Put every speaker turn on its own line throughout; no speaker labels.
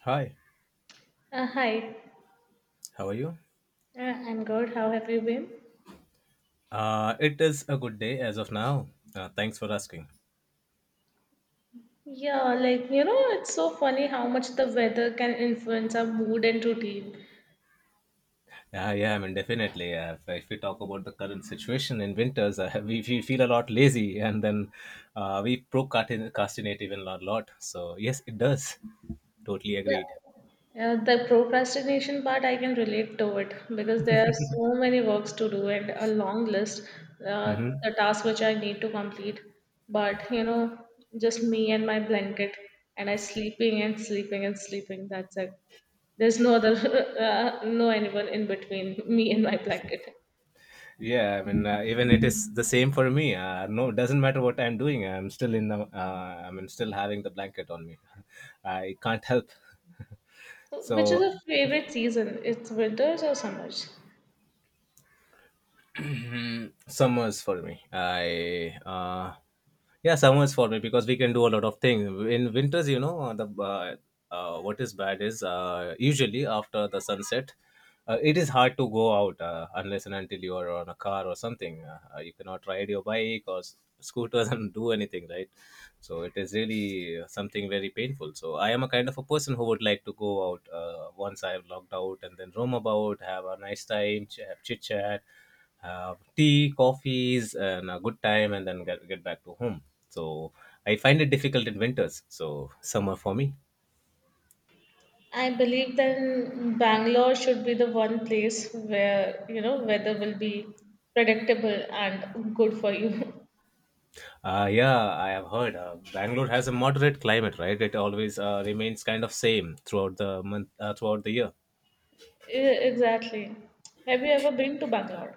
Hi,
Uh, hi,
how are you?
I'm good. How have you been?
It is a good day as of now. Thanks for asking.
Yeah, like, you know, it's so funny how much the weather can influence our mood and routine.
Yeah, yeah, I mean, definitely. If, we talk about the current situation in winters, we feel a lot lazy, and then we procrastinate even a lot. So, yes, it does. Totally
Yeah.
agreed.
The procrastination part, I can relate to it because there are so many works to do and a long list,
Mm-hmm.
the tasks which I need to complete. But, you know, just me and my blanket, and I sleeping and sleeping and sleeping. That's it. There's no other, no anyone in between me and my blanket.
Yeah, I mean, even it is the same for me. No, it doesn't matter what I'm doing. I'm still in I mean, still having the blanket on me. I can't help.
So, which is
So,
your favorite season? It's winters or summers?
Summers for me. I Yeah, summers for me because we can do a lot of things. In winters, you know, the what is bad is usually after the sunset, it is hard to go out unless and until you are on a car or something. You cannot ride your bike or scooters and do anything, right? So it is really something very painful. So I am a kind of a person who would like to go out once I have logged out, and then roam about, have a nice time, have chit chat, have tea, coffees, and a good time, and then get back to home. So I find it difficult in winters. So summer for me.
I believe then Bangalore should be the one place where, you know, weather will be predictable and good for you.
Yeah, I have heard Bangalore has a moderate climate, right? It always remains kind of same throughout the month, throughout the year.
Exactly. Have you ever been to Bangalore?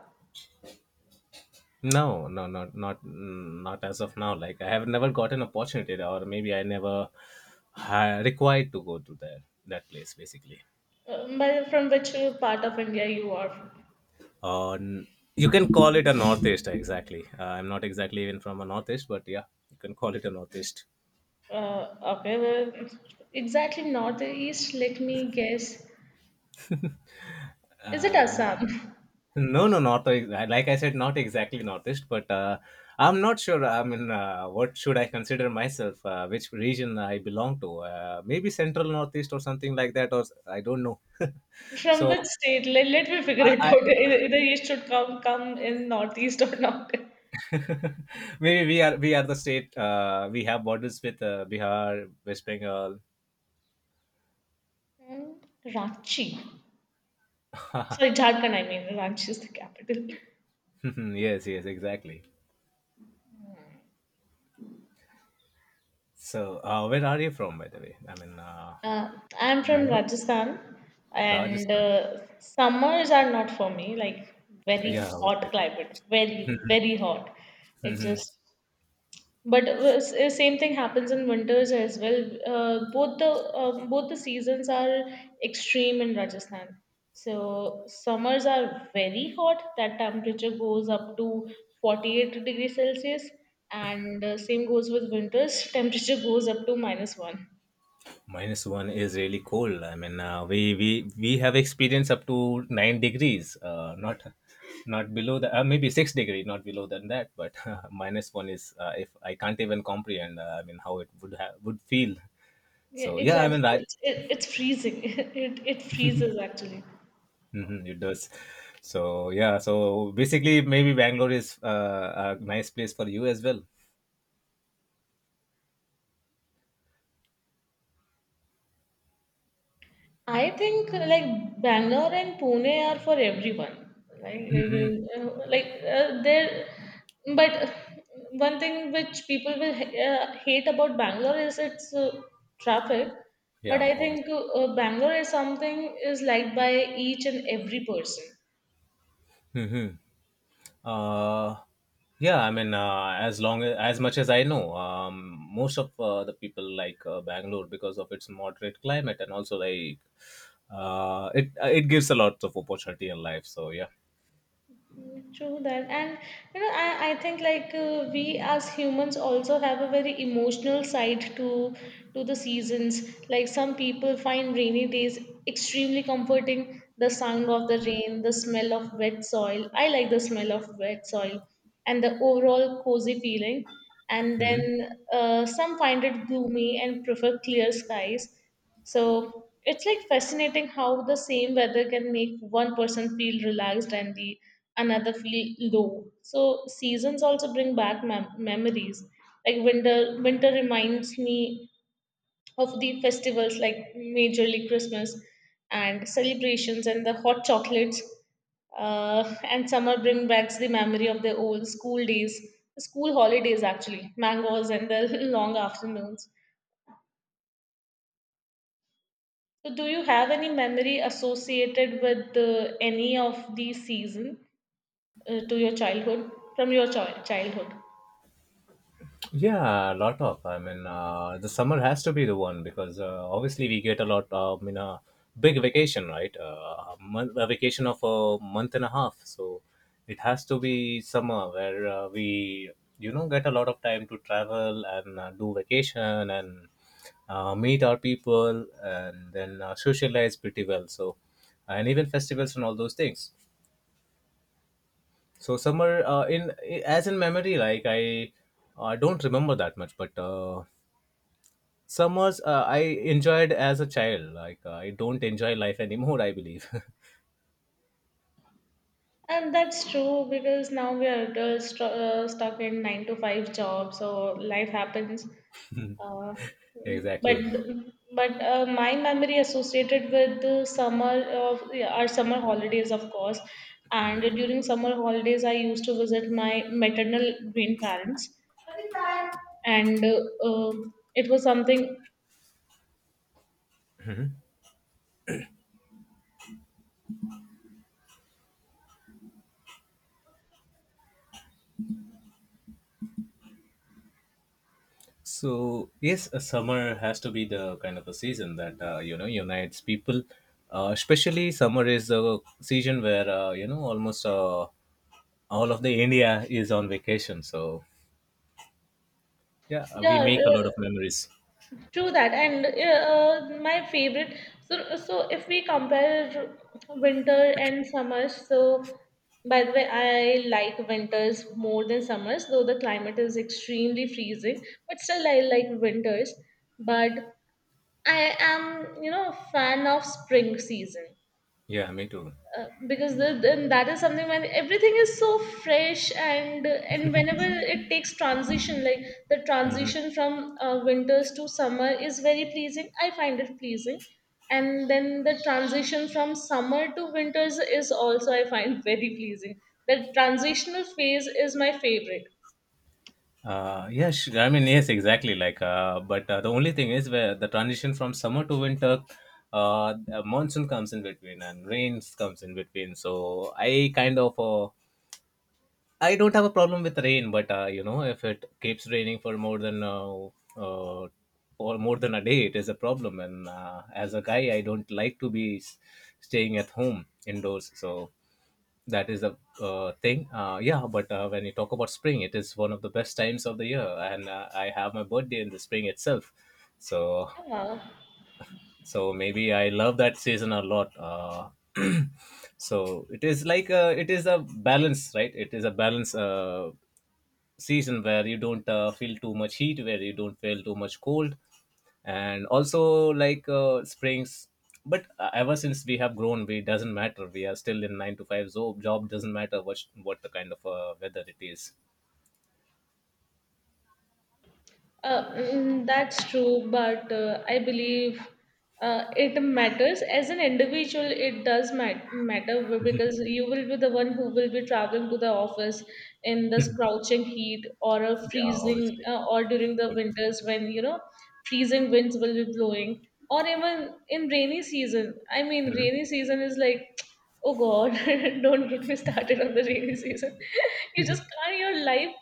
No, no, not as of now. Like I have never got an opportunity, or maybe I never ha required to go to there that place basically.
From which part of India you are from?
Uh, n- you can call it a northeast exactly. I'm not exactly even from a northeast, but yeah, you can call it a northeast.
Uh, okay, well, exactly northeast, let me guess. Is it
uh,
Assam?
no, no, not like I said, not exactly northeast, but I'm not sure. I mean, what should I consider myself? Which region I belong to? Maybe central northeast or something like that, or I don't know.
From
So
which state? Let me figure
I,
it
I
out. Either, either east should come in northeast or not.
maybe we are the state. We have borders with Bihar, West Bengal.
Mm, Ranchi. Sorry, Jharkhand, I mean. Ranchi is the capital.
Yes, yes, exactly. So, where are you from, by the way? I mean,
Uh, I'm from
Bangalore,
Rajasthan, and
Rajasthan.
summers are not for me, like very
Yeah,
hot
obviously.
climate, very, very hot. It
Hmm.
just. But same thing happens in winters as well. Both the seasons are extreme in Rajasthan. So summers are very hot. That temperature goes up to 48 degrees Celsius, and same goes with winters. Temperature goes up to minus one.
-1 is really cold. I mean, we have experienced up to 9 degrees. Not below that. Maybe 6 degree, not below than that. But -1 is if I can't even comprehend. I mean, how it would have would feel.
Yeah,
So yeah, I mean,
exactly. It's freezing. It freezes actually.
It does. So yeah, so basically, maybe Bangalore is a nice place for you as well.
I think like Bangalore and Pune are for everyone. Like, there, but one thing which people will hate about Bangalore is its traffic. But
Yeah,
I
always.
think Bangalore is something is liked by each and every person.
Uh, yeah, I mean, as as much as I know, most of the people like Bangalore because of its moderate climate, and also like it gives a lot of opportunity in life. So yeah.
True that, and you know, I think like we as humans also have a very emotional side to the seasons. Like some people find rainy days extremely comforting. The sound of the rain, the smell of wet soil. I like the smell of wet soil, and the overall cozy feeling. And
Mhm.
then some find it gloomy and prefer clear skies. So it's like fascinating how the same weather can make one person feel relaxed and the another feel low. So seasons also bring back memories. Like winter reminds me of the festivals like majorly Christmas and celebrations and the hot chocolates. And summer brings back the memory of the old school days, school holidays actually, mangoes and the long afternoons. So, do you have any memory associated with any of these season to your childhood from your childhood?
Yeah, a lot of. I mean, the summer has to be the one because obviously we get a lot. I mean, a, big vacation, right? A vacation of a month and a half. So it has to be summer where we get a lot of time to travel, and do vacation, and meet our people, and then socialize pretty well. So and even festivals and all those things. So summer, in as in memory, like I don't remember that much, but. Summers I enjoyed as a child, like I don't enjoy life anymore, I believe.
And that's true because now we are adults stuck in nine to five jobs, so life happens. Uh, but
Exactly.
but my memory associated with the summer of yeah, our summer holidays, of course. And during summer holidays, I used to visit my maternal grandparents, and it was something.
So yes, a summer has to be the kind of a season that unites people. Especially summer is the season where almost all of the India is on vacation. So yeah, we
Yeah,
make a lot
r-
of memories.
True that. And my favorite. So if we compare winter and summers, so by the way, I like winters more than summers, though the climate is extremely freezing. But still, I like winters. But I am, you know, a fan of spring season
Yeah, me too.
because then that is something when everything is so fresh and whenever it takes transition like the
Mm-hmm.
transition from winters to summer is very pleasing. I find it pleasing, and then the transition from summer to winters is also I find very pleasing. The transitional phase is my favorite.
Yeah, I mean, yes, exactly. Like, but the only thing is where the transition from summer to winter, the monsoon comes in between, and rains comes in between. So I don't have a problem with rain, but if it keeps raining for more than uh, or more than a day, it is a problem. And as a guy, I don't like to be staying at home indoors. So that is the thing. Yeah, but when you talk about spring, it is one of the best times of the year. And I have my birthday in the spring itself. So
Wow.
so maybe I love that season a lot. So it is like it is a balance, right? It is a balance, season where you don't feel too much heat, where you don't feel too much cold, and also like springs. But ever since we have grown, we doesn't matter. We are still in nine to five job. Job doesn't matter what the kind of weather it is.
That's true, but I believe it matters. As an individual, it does matter because you will be the one who will be traveling to the office in this crouching heat or a
Yeah,
freezing,
obviously.
or during the
Good.
winters when you know freezing winds will be blowing, or even in rainy season. I mean,
Mhm.
rainy season is like, oh God, don't get me started on the rainy season. You just can't your life.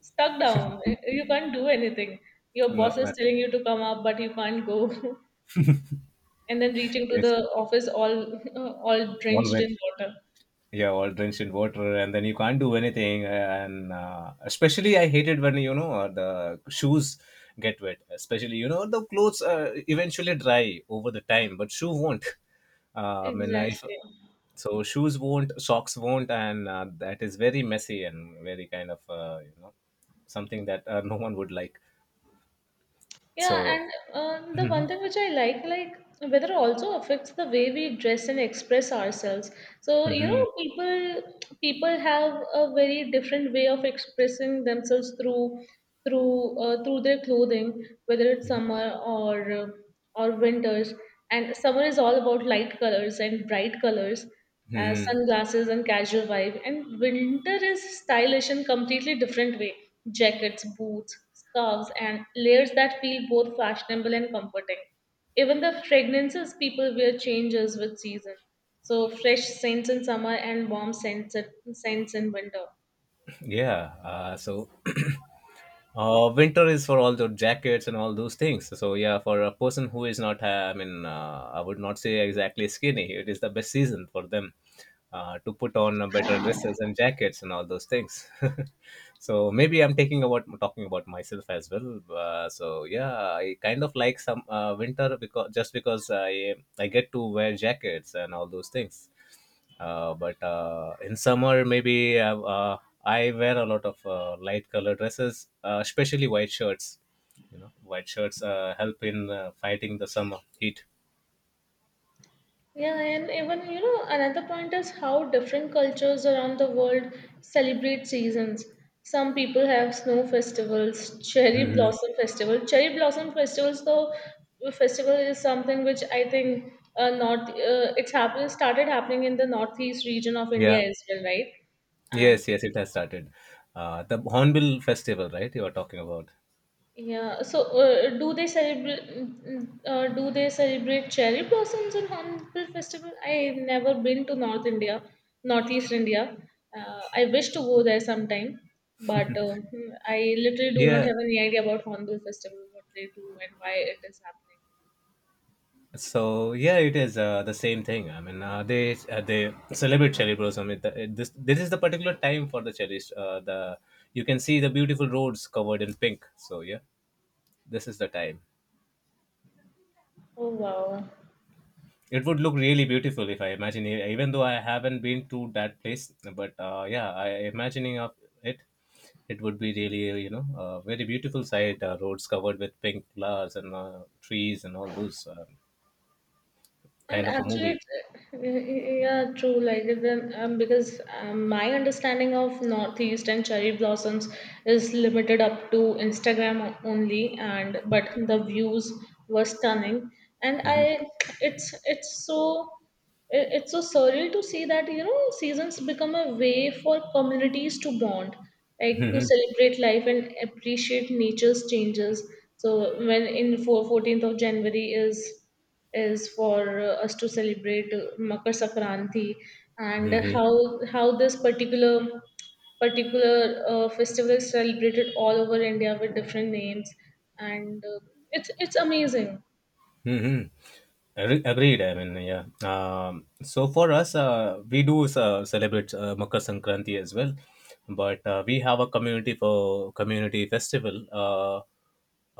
Stuck down. Eh, you can't do anything. Your boss
No,
is
that is
telling you to come up, but you can't go. And then reaching to
yes.
the office all all drenched in
Always.
water.
Yeah, all drenched in water, and then you can't do anything. And especially, I hated when the shoes get wet. Especially, the clothes eventually dry over the time, but shoe won't. And I mean, if
Exactly.
so shoes won't, socks won't, and that is very messy and very kind of something that no one would like.
Yeah,
So,
and the one thing which I like weather also affects the way we dress and express ourselves. So, you
Mhm.
know, people have a very different way of expressing themselves through through their clothing, whether it's summer or winters. And summer is all about light colors and bright colors,
Mhm.
sunglasses and casual vibe. And winter is stylish in completely different way. Jackets, boots, scarves, and layers that feel both fashionable and comforting. Even the fragrances people wear changes with season. So fresh scents in summer and warm scents scents in winter.
Yeah. So. Winter is for all the jackets and all those things. So yeah, for a person who is not, I mean, I would not say exactly skinny. It is the best season for them to put on better dresses and jackets and all those things. So maybe I'm taking about talking about myself as well. So yeah, I kind of like some winter because, just because, I get to wear jackets and all those things. But in summer, maybe I wear a lot of light color dresses, especially white shirts. You know, white shirts help in fighting the summer heat.
Yeah, and even you know another point is how different cultures around the world celebrate seasons. Some people have snow festivals, cherry
Hmm.
blossom festival. Cherry blossom festivals, though, Festival is something which I think north it's happened started happening in the northeast region of
Yeah,
India as well, right? And
yes, yes, it has started. The Hornbill Festival, right? You are talking about.
yeah. So, do they celebrate cherry blossoms in Hornbill Festival? I've never been to Northeast India. I wish to go there sometime, but hmm, I literally do not
Yeah.
have any idea about Hornbill Festival, what they do, and why it is happening.
So yeah, it is the same thing. I mean, they celebrate cherry blossom. It, it, this this is the particular time for the cherries. The You can see the beautiful roads covered in pink. So yeah, this is the time.
Oh wow!
It would look really beautiful if I imagine it, even though I haven't been to that place. But yeah, I imagining of it. It would be really, a very beautiful sight. Roads covered with pink flowers and trees and all those.
And
Kind of a
actually,
movie.
it's, yeah, true. Like then, because my understanding of Northeast and cherry blossoms is limited up to Instagram only, and but the views were stunning. And it's it's so surreal to see that you know seasons become a way for communities to bond, like to
Mhm.
celebrate life and appreciate nature's changes. So when in 14th of January is for us to celebrate Makar Sankranti, and how this particular festival is celebrated all over India with different names, and it's amazing.
Hmm. Agreed. I mean, yeah. So for us, we do celebrate Makar Sankranti as well, but we have a community for community festival. Uh,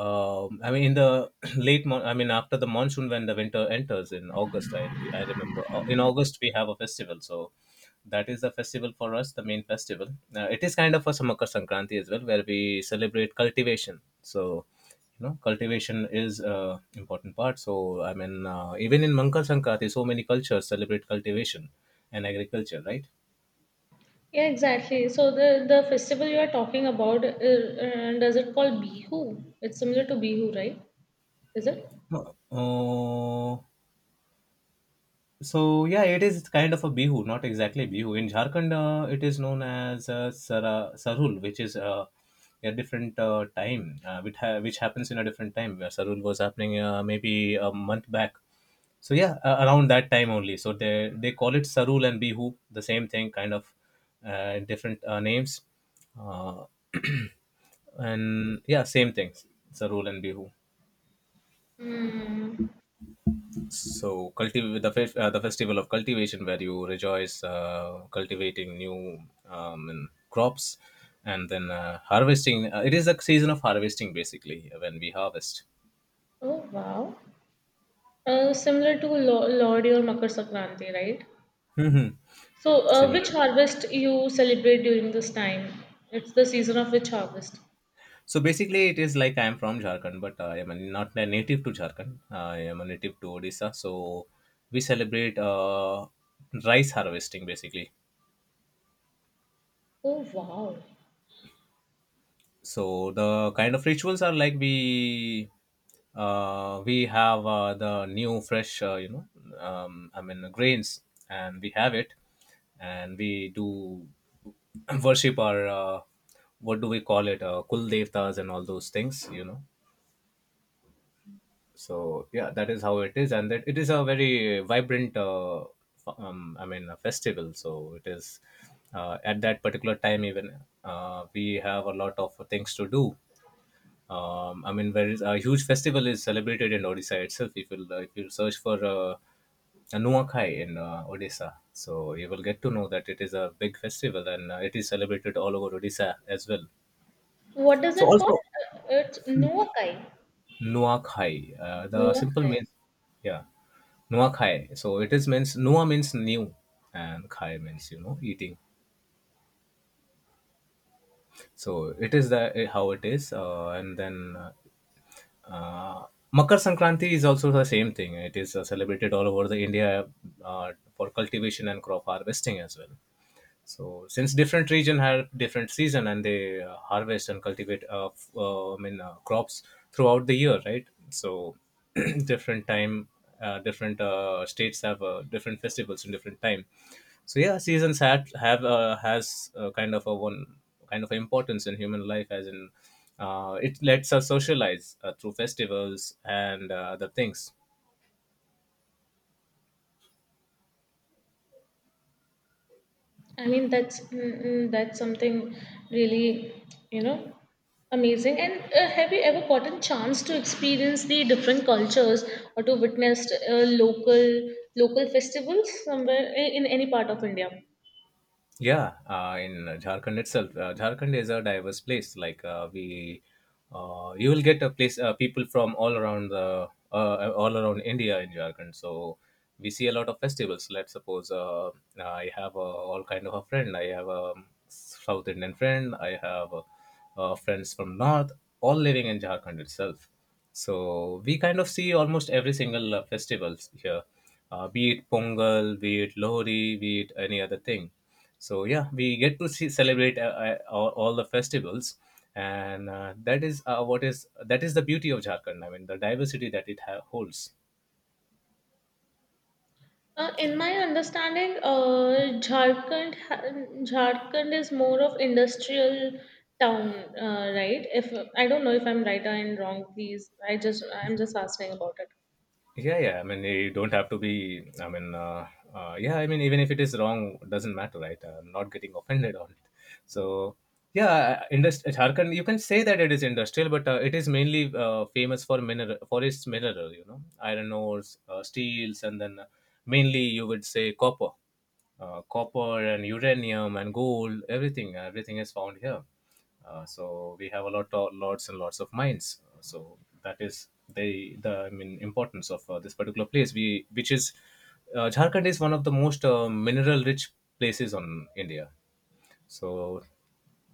um, I mean, in the I mean, after the monsoon, when the winter enters in August, I remember in August we have a festival. So that is the festival for us, the main festival. It is kind of a Makar Sankranti as well, where we celebrate cultivation. So cultivation is a important part. So I mean, even in Mankar Sankranti, so many cultures celebrate cultivation and agriculture, right?
Yeah, exactly. So the festival you are talking about, does it call Bihu? It's similar to Bihu, right? Is it?
uh, So yeah, it is kind of a Bihu, not exactly Bihu. In Jharkhand, it is known as Sarul, which is a different time, which happens in a different time. Where Sarul was happening, maybe a month back. So yeah, around that time only. So they call it Sarul and Bihu, the same thing, kind of different names, uh, and yeah, same things, Sarul and Bihu.
Hmm.
So, the festival of cultivation, where you rejoice cultivating new, and crops and then harvesting. It is a season of harvesting, basically, when we harvest.
Oh wow. Similar to Lodi or Makar Sankranti, right?
Mhm.
So,
Similar.
which harvest you celebrate during this time? It's the season of which harvest?
So, basically, it is like I am from Jharkhand, but I am not a native to Jharkhand. I am a native to Odisha. So, we celebrate rice harvesting, basically.
Oh wow!
So the kind of rituals are like we have the new fresh grains and we have it and we do worship our what do we call it, kul devtas and all those things, you know. So yeah, that is how it is, and that it is a very vibrant a festival. So it is, at that particular time, even we have a lot of things to do. There is a huge festival is celebrated in Odisha itself. If you search for a Nuakhai in Odisha, so you will get to know that it is a big festival, and it is celebrated all over Odisha as well.
What is
So
it called?
also
It's Nuakai.
Nuakhai, the simple
Nuakai.
means, yeah, Nuakhai. So it is means Nua means new, and Khai means, you know, eating. So it is the how it is, and then. Uh, Makar Sankranti is also the same thing. It is celebrated all over the India for cultivation and crop harvesting as well. So since different region have different season and they harvest and cultivate, crops throughout the year, right? So different time, different states have different festivals in different time. So yeah, seasons have has kind of a one kind of importance in human life, as in it lets us socialize through festivals and other things.
I mean, that's that's something really, you know, amazing. And have you ever gotten chance to experience the different cultures or to witness local local festivals somewhere in any part of India?
Yeah, in Jharkhand itself, Jharkhand is a diverse place. Like, you will get a place, people from all around the all around India in Jharkhand. So we see a lot of festivals. Let's suppose I have a, all kind of a friend. I have a South Indian friend. I have friends from North, all living in Jharkhand itself. So we kind of see almost every single festivals here, be it Pongal, be it Lohri, be it any other thing. So yeah, we get to see, celebrate, all the festivals, and that is what is that is the beauty of Jharkhand. I mean, the diversity that holds.
In my understanding, Jharkhand is more of industrial town, right? If I don't know if I'm right and wrong, please. I'm just asking about it.
Yeah, I mean, you don't have to be, I mean, yeah, I mean, even if it is wrong, doesn't matter, right? I'm not getting offended on it. So yeah, Jharkhand, you can say that it is industrial, but it is mainly famous for mineral, for its mineral, you know, iron ores, steels, and then mainly you would say copper, copper and uranium and gold. Everything, everything is found here. So we have a lot of, lots and lots of mines. So that is the, I mean, importance of this particular place. We which is, Jharkhand is one of the most mineral rich places on India. So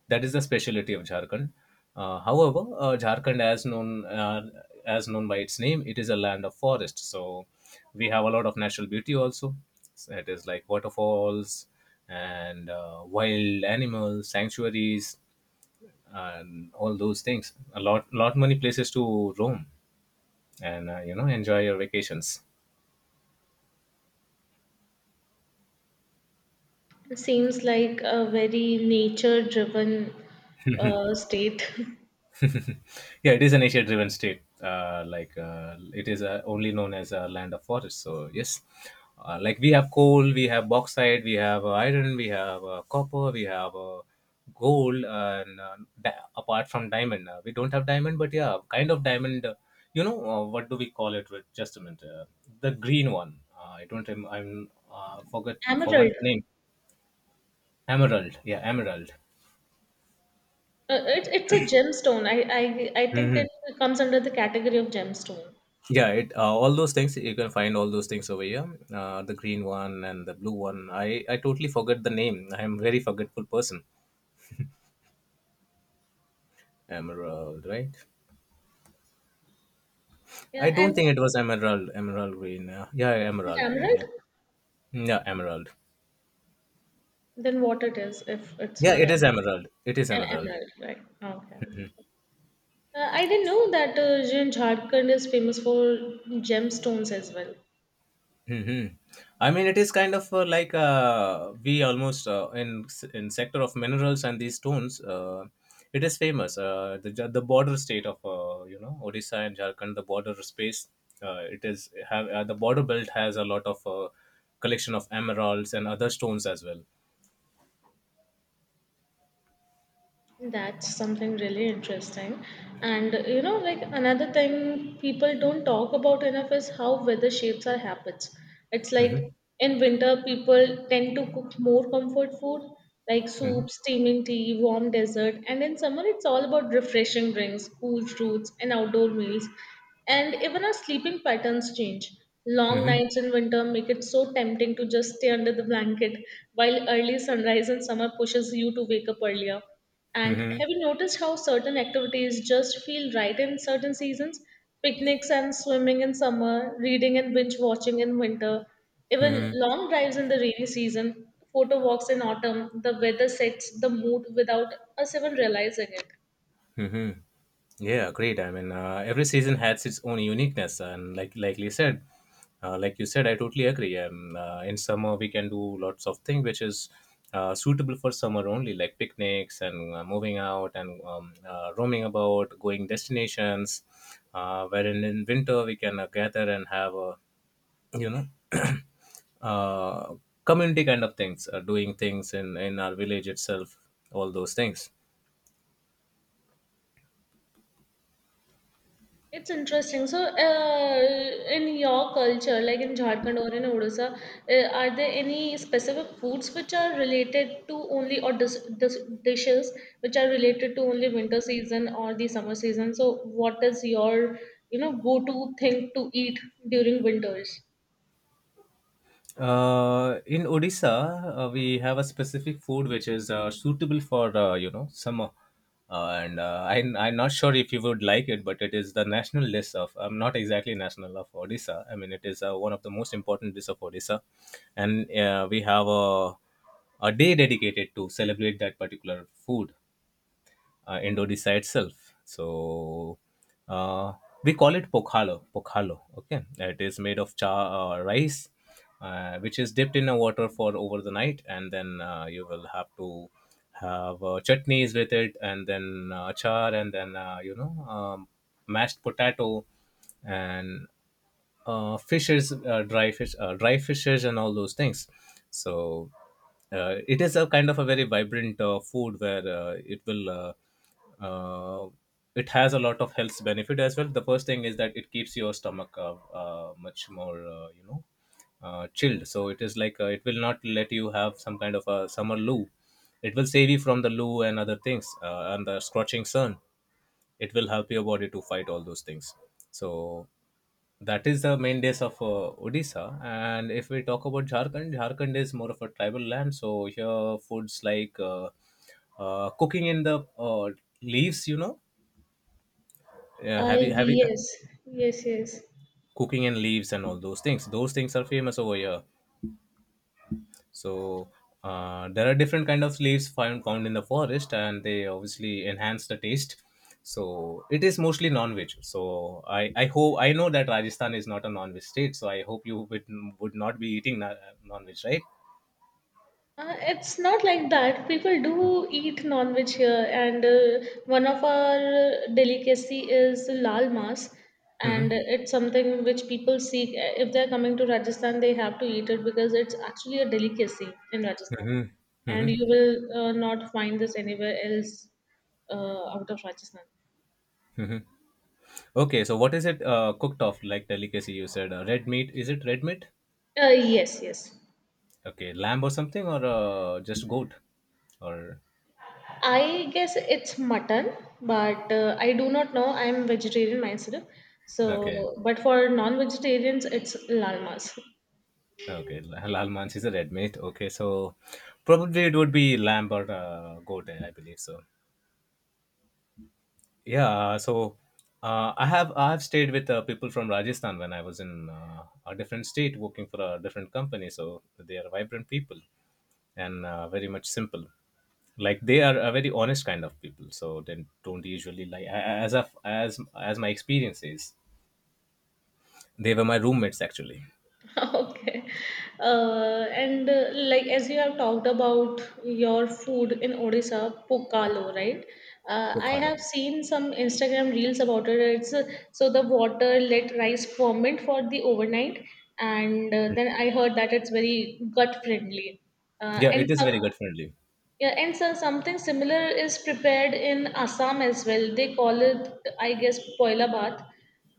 that is the specialty of Jharkhand. However, Jharkhand, as known, as known by its name, it is a land of forest. So we have a lot of natural beauty also. So it is like waterfalls and wild animals, sanctuaries, and all those things. A lot, lot many places to roam and you know, enjoy your vacations.
It seems like a very nature-driven state.
Yeah, it is an nature-driven state. Like, it is only known as a land of forests. So yes, like we have coal, we have bauxite, we have iron, we have copper, we have gold, and apart from diamond, we don't have diamond, but yeah, kind of diamond. You know, what do we call it? With, just a minute, the green one. I don't. Rem- I'm forgot
Emerald.
forgot the name. Emerald. Yeah, emerald.
It's a gemstone. I think it
Hmm.
comes under the category of gemstone.
Yeah, it, all those things you can find, all those things over here. The green one and the blue one. I totally forgot the name. I am very forgetful person. Emerald, right?
Yeah,
I don't
and
think it was emerald. Emerald green. Yeah,
it's not
emerald green.
emerald.
Yeah, yeah, emerald.
Then what it is if it's
Yeah,
not
it is
emerald?
emerald. It is emerald.
Emerald, right? Okay. I didn't know that Jin Jharkhand is famous for gemstones as well.
Hmm. I mean, it is kind of like we almost, in sector of minerals and these stones. It is famous. The border state of, you know, Odisha and Jharkhand, the border space. It is have the border belt has a lot of collection of emeralds and other stones as well.
That's something really interesting. And you know, like another thing people don't talk about enough is how weather shapes our habits. It's
Hmm.
like in winter, people tend to cook more comfort food like soup,
Hmm.
steaming tea, warm dessert. And in summer, it's all about refreshing drinks, cool fruits, and outdoor meals. And even our sleeping patterns change. Long
Hmm.
nights in winter make it so tempting to just stay under the blanket, while early sunrise in summer pushes you to wake up earlier. And
Hmm.
have you noticed how certain activities just feel right in certain seasons? Picnics and swimming in summer, reading and binge watching in winter, even
Hmm.
long drives in the rainy season, photo walks in autumn, the weather sets the mood without us even realizing it.
Hmm. Yeah, great. I mean, every season has its own uniqueness, and like you said, I totally agree. In summer, we can do lots of things which is suitable for summer only, like picnics and moving out, and roaming about, going destinations. Wherein in winter, we can gather and have a, you know, uh, community kind of things, doing things in our village itself, all those things.
It's interesting. So, in your culture, like in Jharkhand or in Odisha, are there any specific foods which are related to only or dis dishes which are related to only winter season or the summer season? So, what is your, you know, go-to thing to eat during winters?
In Odisha, we have a specific food which is suitable for, you know, summer, and I'm not sure if you would like it, but it is the national dish of. I'm not exactly national of Odisha. I mean, it is one of the most important dishes of Odisha, and we have a day dedicated to celebrate that particular food Indonesia itself. So uh, we call it pokhalo. Pokhalo. Okay, it is made of cha rice, which is dipped in a water for over the night, and then you will have to have chutneys with it, and then you know, mashed potato, and fishes, dry fish, dry fishes, and all those things. So it is a kind of a very vibrant food where it will. Uh, it has a lot of health benefit as well. The first thing is that it keeps your stomach much more, you know, chilled. So it is like it will not let you have some kind of a summer loo. It will save you from the loo and other things, and the scorching sun, it will help your body to fight all those things. So that is the main days of Odisha. And if we talk about Jharkhand, Jharkhand is more of a tribal land. So here, foods like, cooking in the leaves, you know, yeah, have you
Yes, yes, yes.
cooking in leaves and all those things? Those things are famous over here. So there are different kind of leaves found in the forest, and they obviously enhance the taste. So it is mostly non-veg. So I hope, I know that Rajasthan is not a non-veg state. So I hope you would not be eating non-veg, right?
It's not like that. People do eat non-veg here, and one of our delicacy is lal mas,
Hmm.
and it's something which people seek. If they're coming to Rajasthan, they have to eat it because it's actually a delicacy in Rajasthan,
Hmm.
and
Hmm.
you will not find this anywhere else out of Rajasthan.
Hmm. Okay. So what is it cooked off, like delicacy? You said red meat. Is it red meat?
Uh, yes, yes.
Okay, lamb or something, or just goat, or
I guess it's mutton, but I do not know. I'm vegetarian myself.
okay.
So, but for non-vegetarians, it's lal mas.
Okay, halal Lalmanch is a red meat. Okay, so probably it would be lamb or goat, I believe so. Yeah, so I have stayed with people from Rajasthan when I was in a different state working for a different company. So they are vibrant people, and very much simple. Like they are a very honest kind of people. So they don't usually like as of, as my experience is, they were my roommates actually.
Okay. And like as you have talked about your food in Odisha, pokalo, right? I
Pokhara.
have seen some Instagram reels about it. It's So the water let rice ferment for the overnight, and then I heard that it's very gut friendly. Uh,
Yeah,
and
it is
so,
very gut friendly.
Yeah, and so something similar is prepared in Assam as well. I guess, poila bath.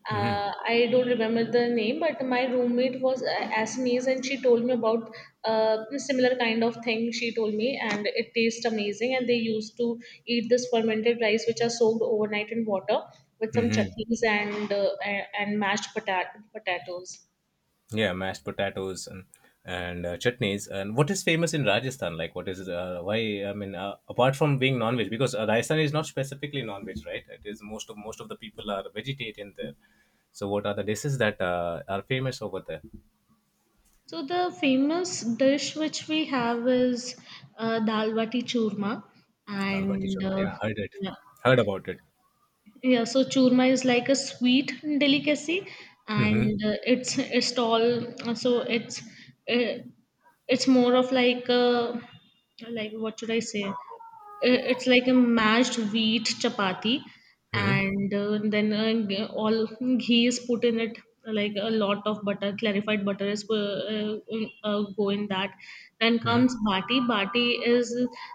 I don't remember the name, but my roommate was Assamese, and she told me about similar kind of thing. She told me, and it tastes amazing. And they used to eat this fermented rice, which are soaked overnight in water with some
Hmm.
chutneys and and potatoes.
Yeah, mashed potatoes and chutneys. And what is famous in Rajasthan? Like, what is, why? I mean, apart from being non-veg, because Rajasthan is not specifically non-veg, right? It is most of the people are vegetarian there. So, what are the dishes that are famous over there?
So the famous dish which we have is dal bati churma,
Dal bati
and
churma. Yeah, heard it,
yeah,
heard about it.
yeah. So churma is like a sweet delicacy,
Hmm.
and it's all so uh, it's more of like a, like what should I say? It's like a mashed wheat chapati,
Hmm.
and all ghee is put in it like a lot of butter clarified butter is go in that. Then
Hmm.
comes is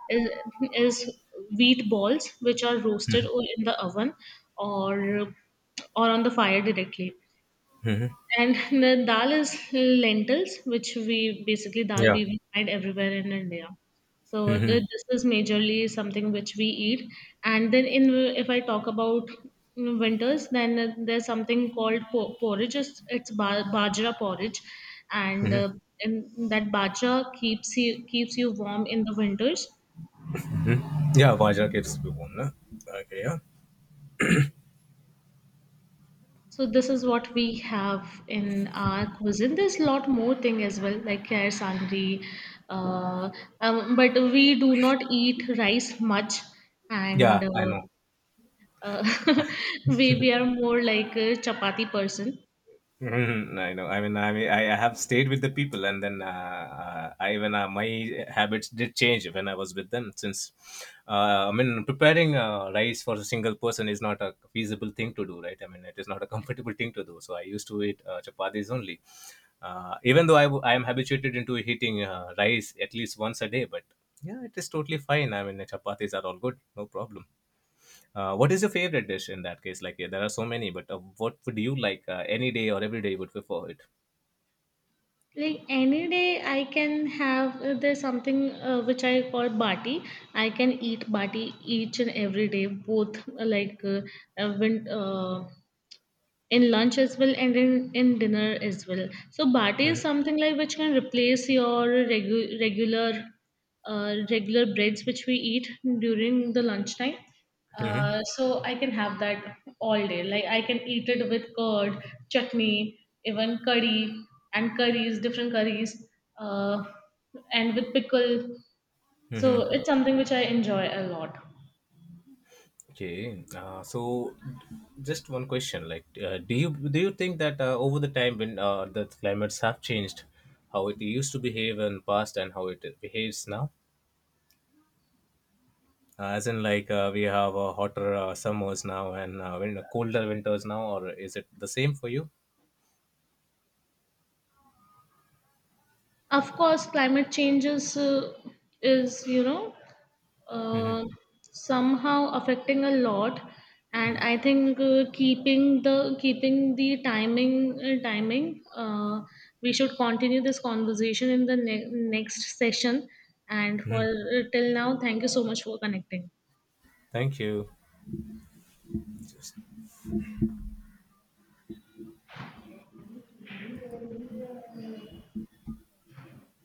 is, is wheat balls which are roasted in the oven or or on the fire directly, and the dal is lentils, which we basically dal
Yeah,
we will find everywhere in India. So this is majorly something which we eat. And then in if I talk about winters, then there's something called porridge. Bajra porridge, and uh, and that bajra keeps you warm in the winters.
yeah, Vajra kids, okay, yeah,
So this is what we have in our cuisine. There's a lot more thing as well, like kher sangri. Uh, but we do not eat rice much, and
yeah, I know.
uh, we are more like a chapati person.
Mhm, I know. I mean, I have stayed with the people, and then, I even, my habits did change when I was with them. Since I mean, preparing rice for a single person is not a feasible thing to do, right? I mean, it is not a comfortable thing to do. So I used to eat chapatis only. Even though I am habituated into eating rice at least once a day, but yeah, it is totally fine. I mean, the chapatis are all good, no problem. What is your favorite dish in that case? Like, yeah, there are so many, but what would you like any day or every day would prefer it?
Like any day, I can have there's something which I call bati. I can eat bati each and every day, both uh, win- uh, in lunch as well and in dinner as well. So bati is something like which can replace your regular regular breads which we eat during the lunchtime.
Mm-hmm.
So I can have that all day. Like I can eat it with curd, chutney, even curry and curries, different curries, uh, and with pickle. So
Mm-hmm.
it's something which I enjoy a lot.
Okay. So, just one question: Like, do you think that over the time when the climates have changed, how it used to behave in past and how it behaves now? As in, like, we have hotter summers now and when colder winters now, or is it the same for you?
Of course, climate changes is you know
Mm-hmm.
uh, somehow affecting a lot, and I think keeping the timing we should continue this conversation in the next session. And for till now, thank you so much for connecting.
Thank you. Just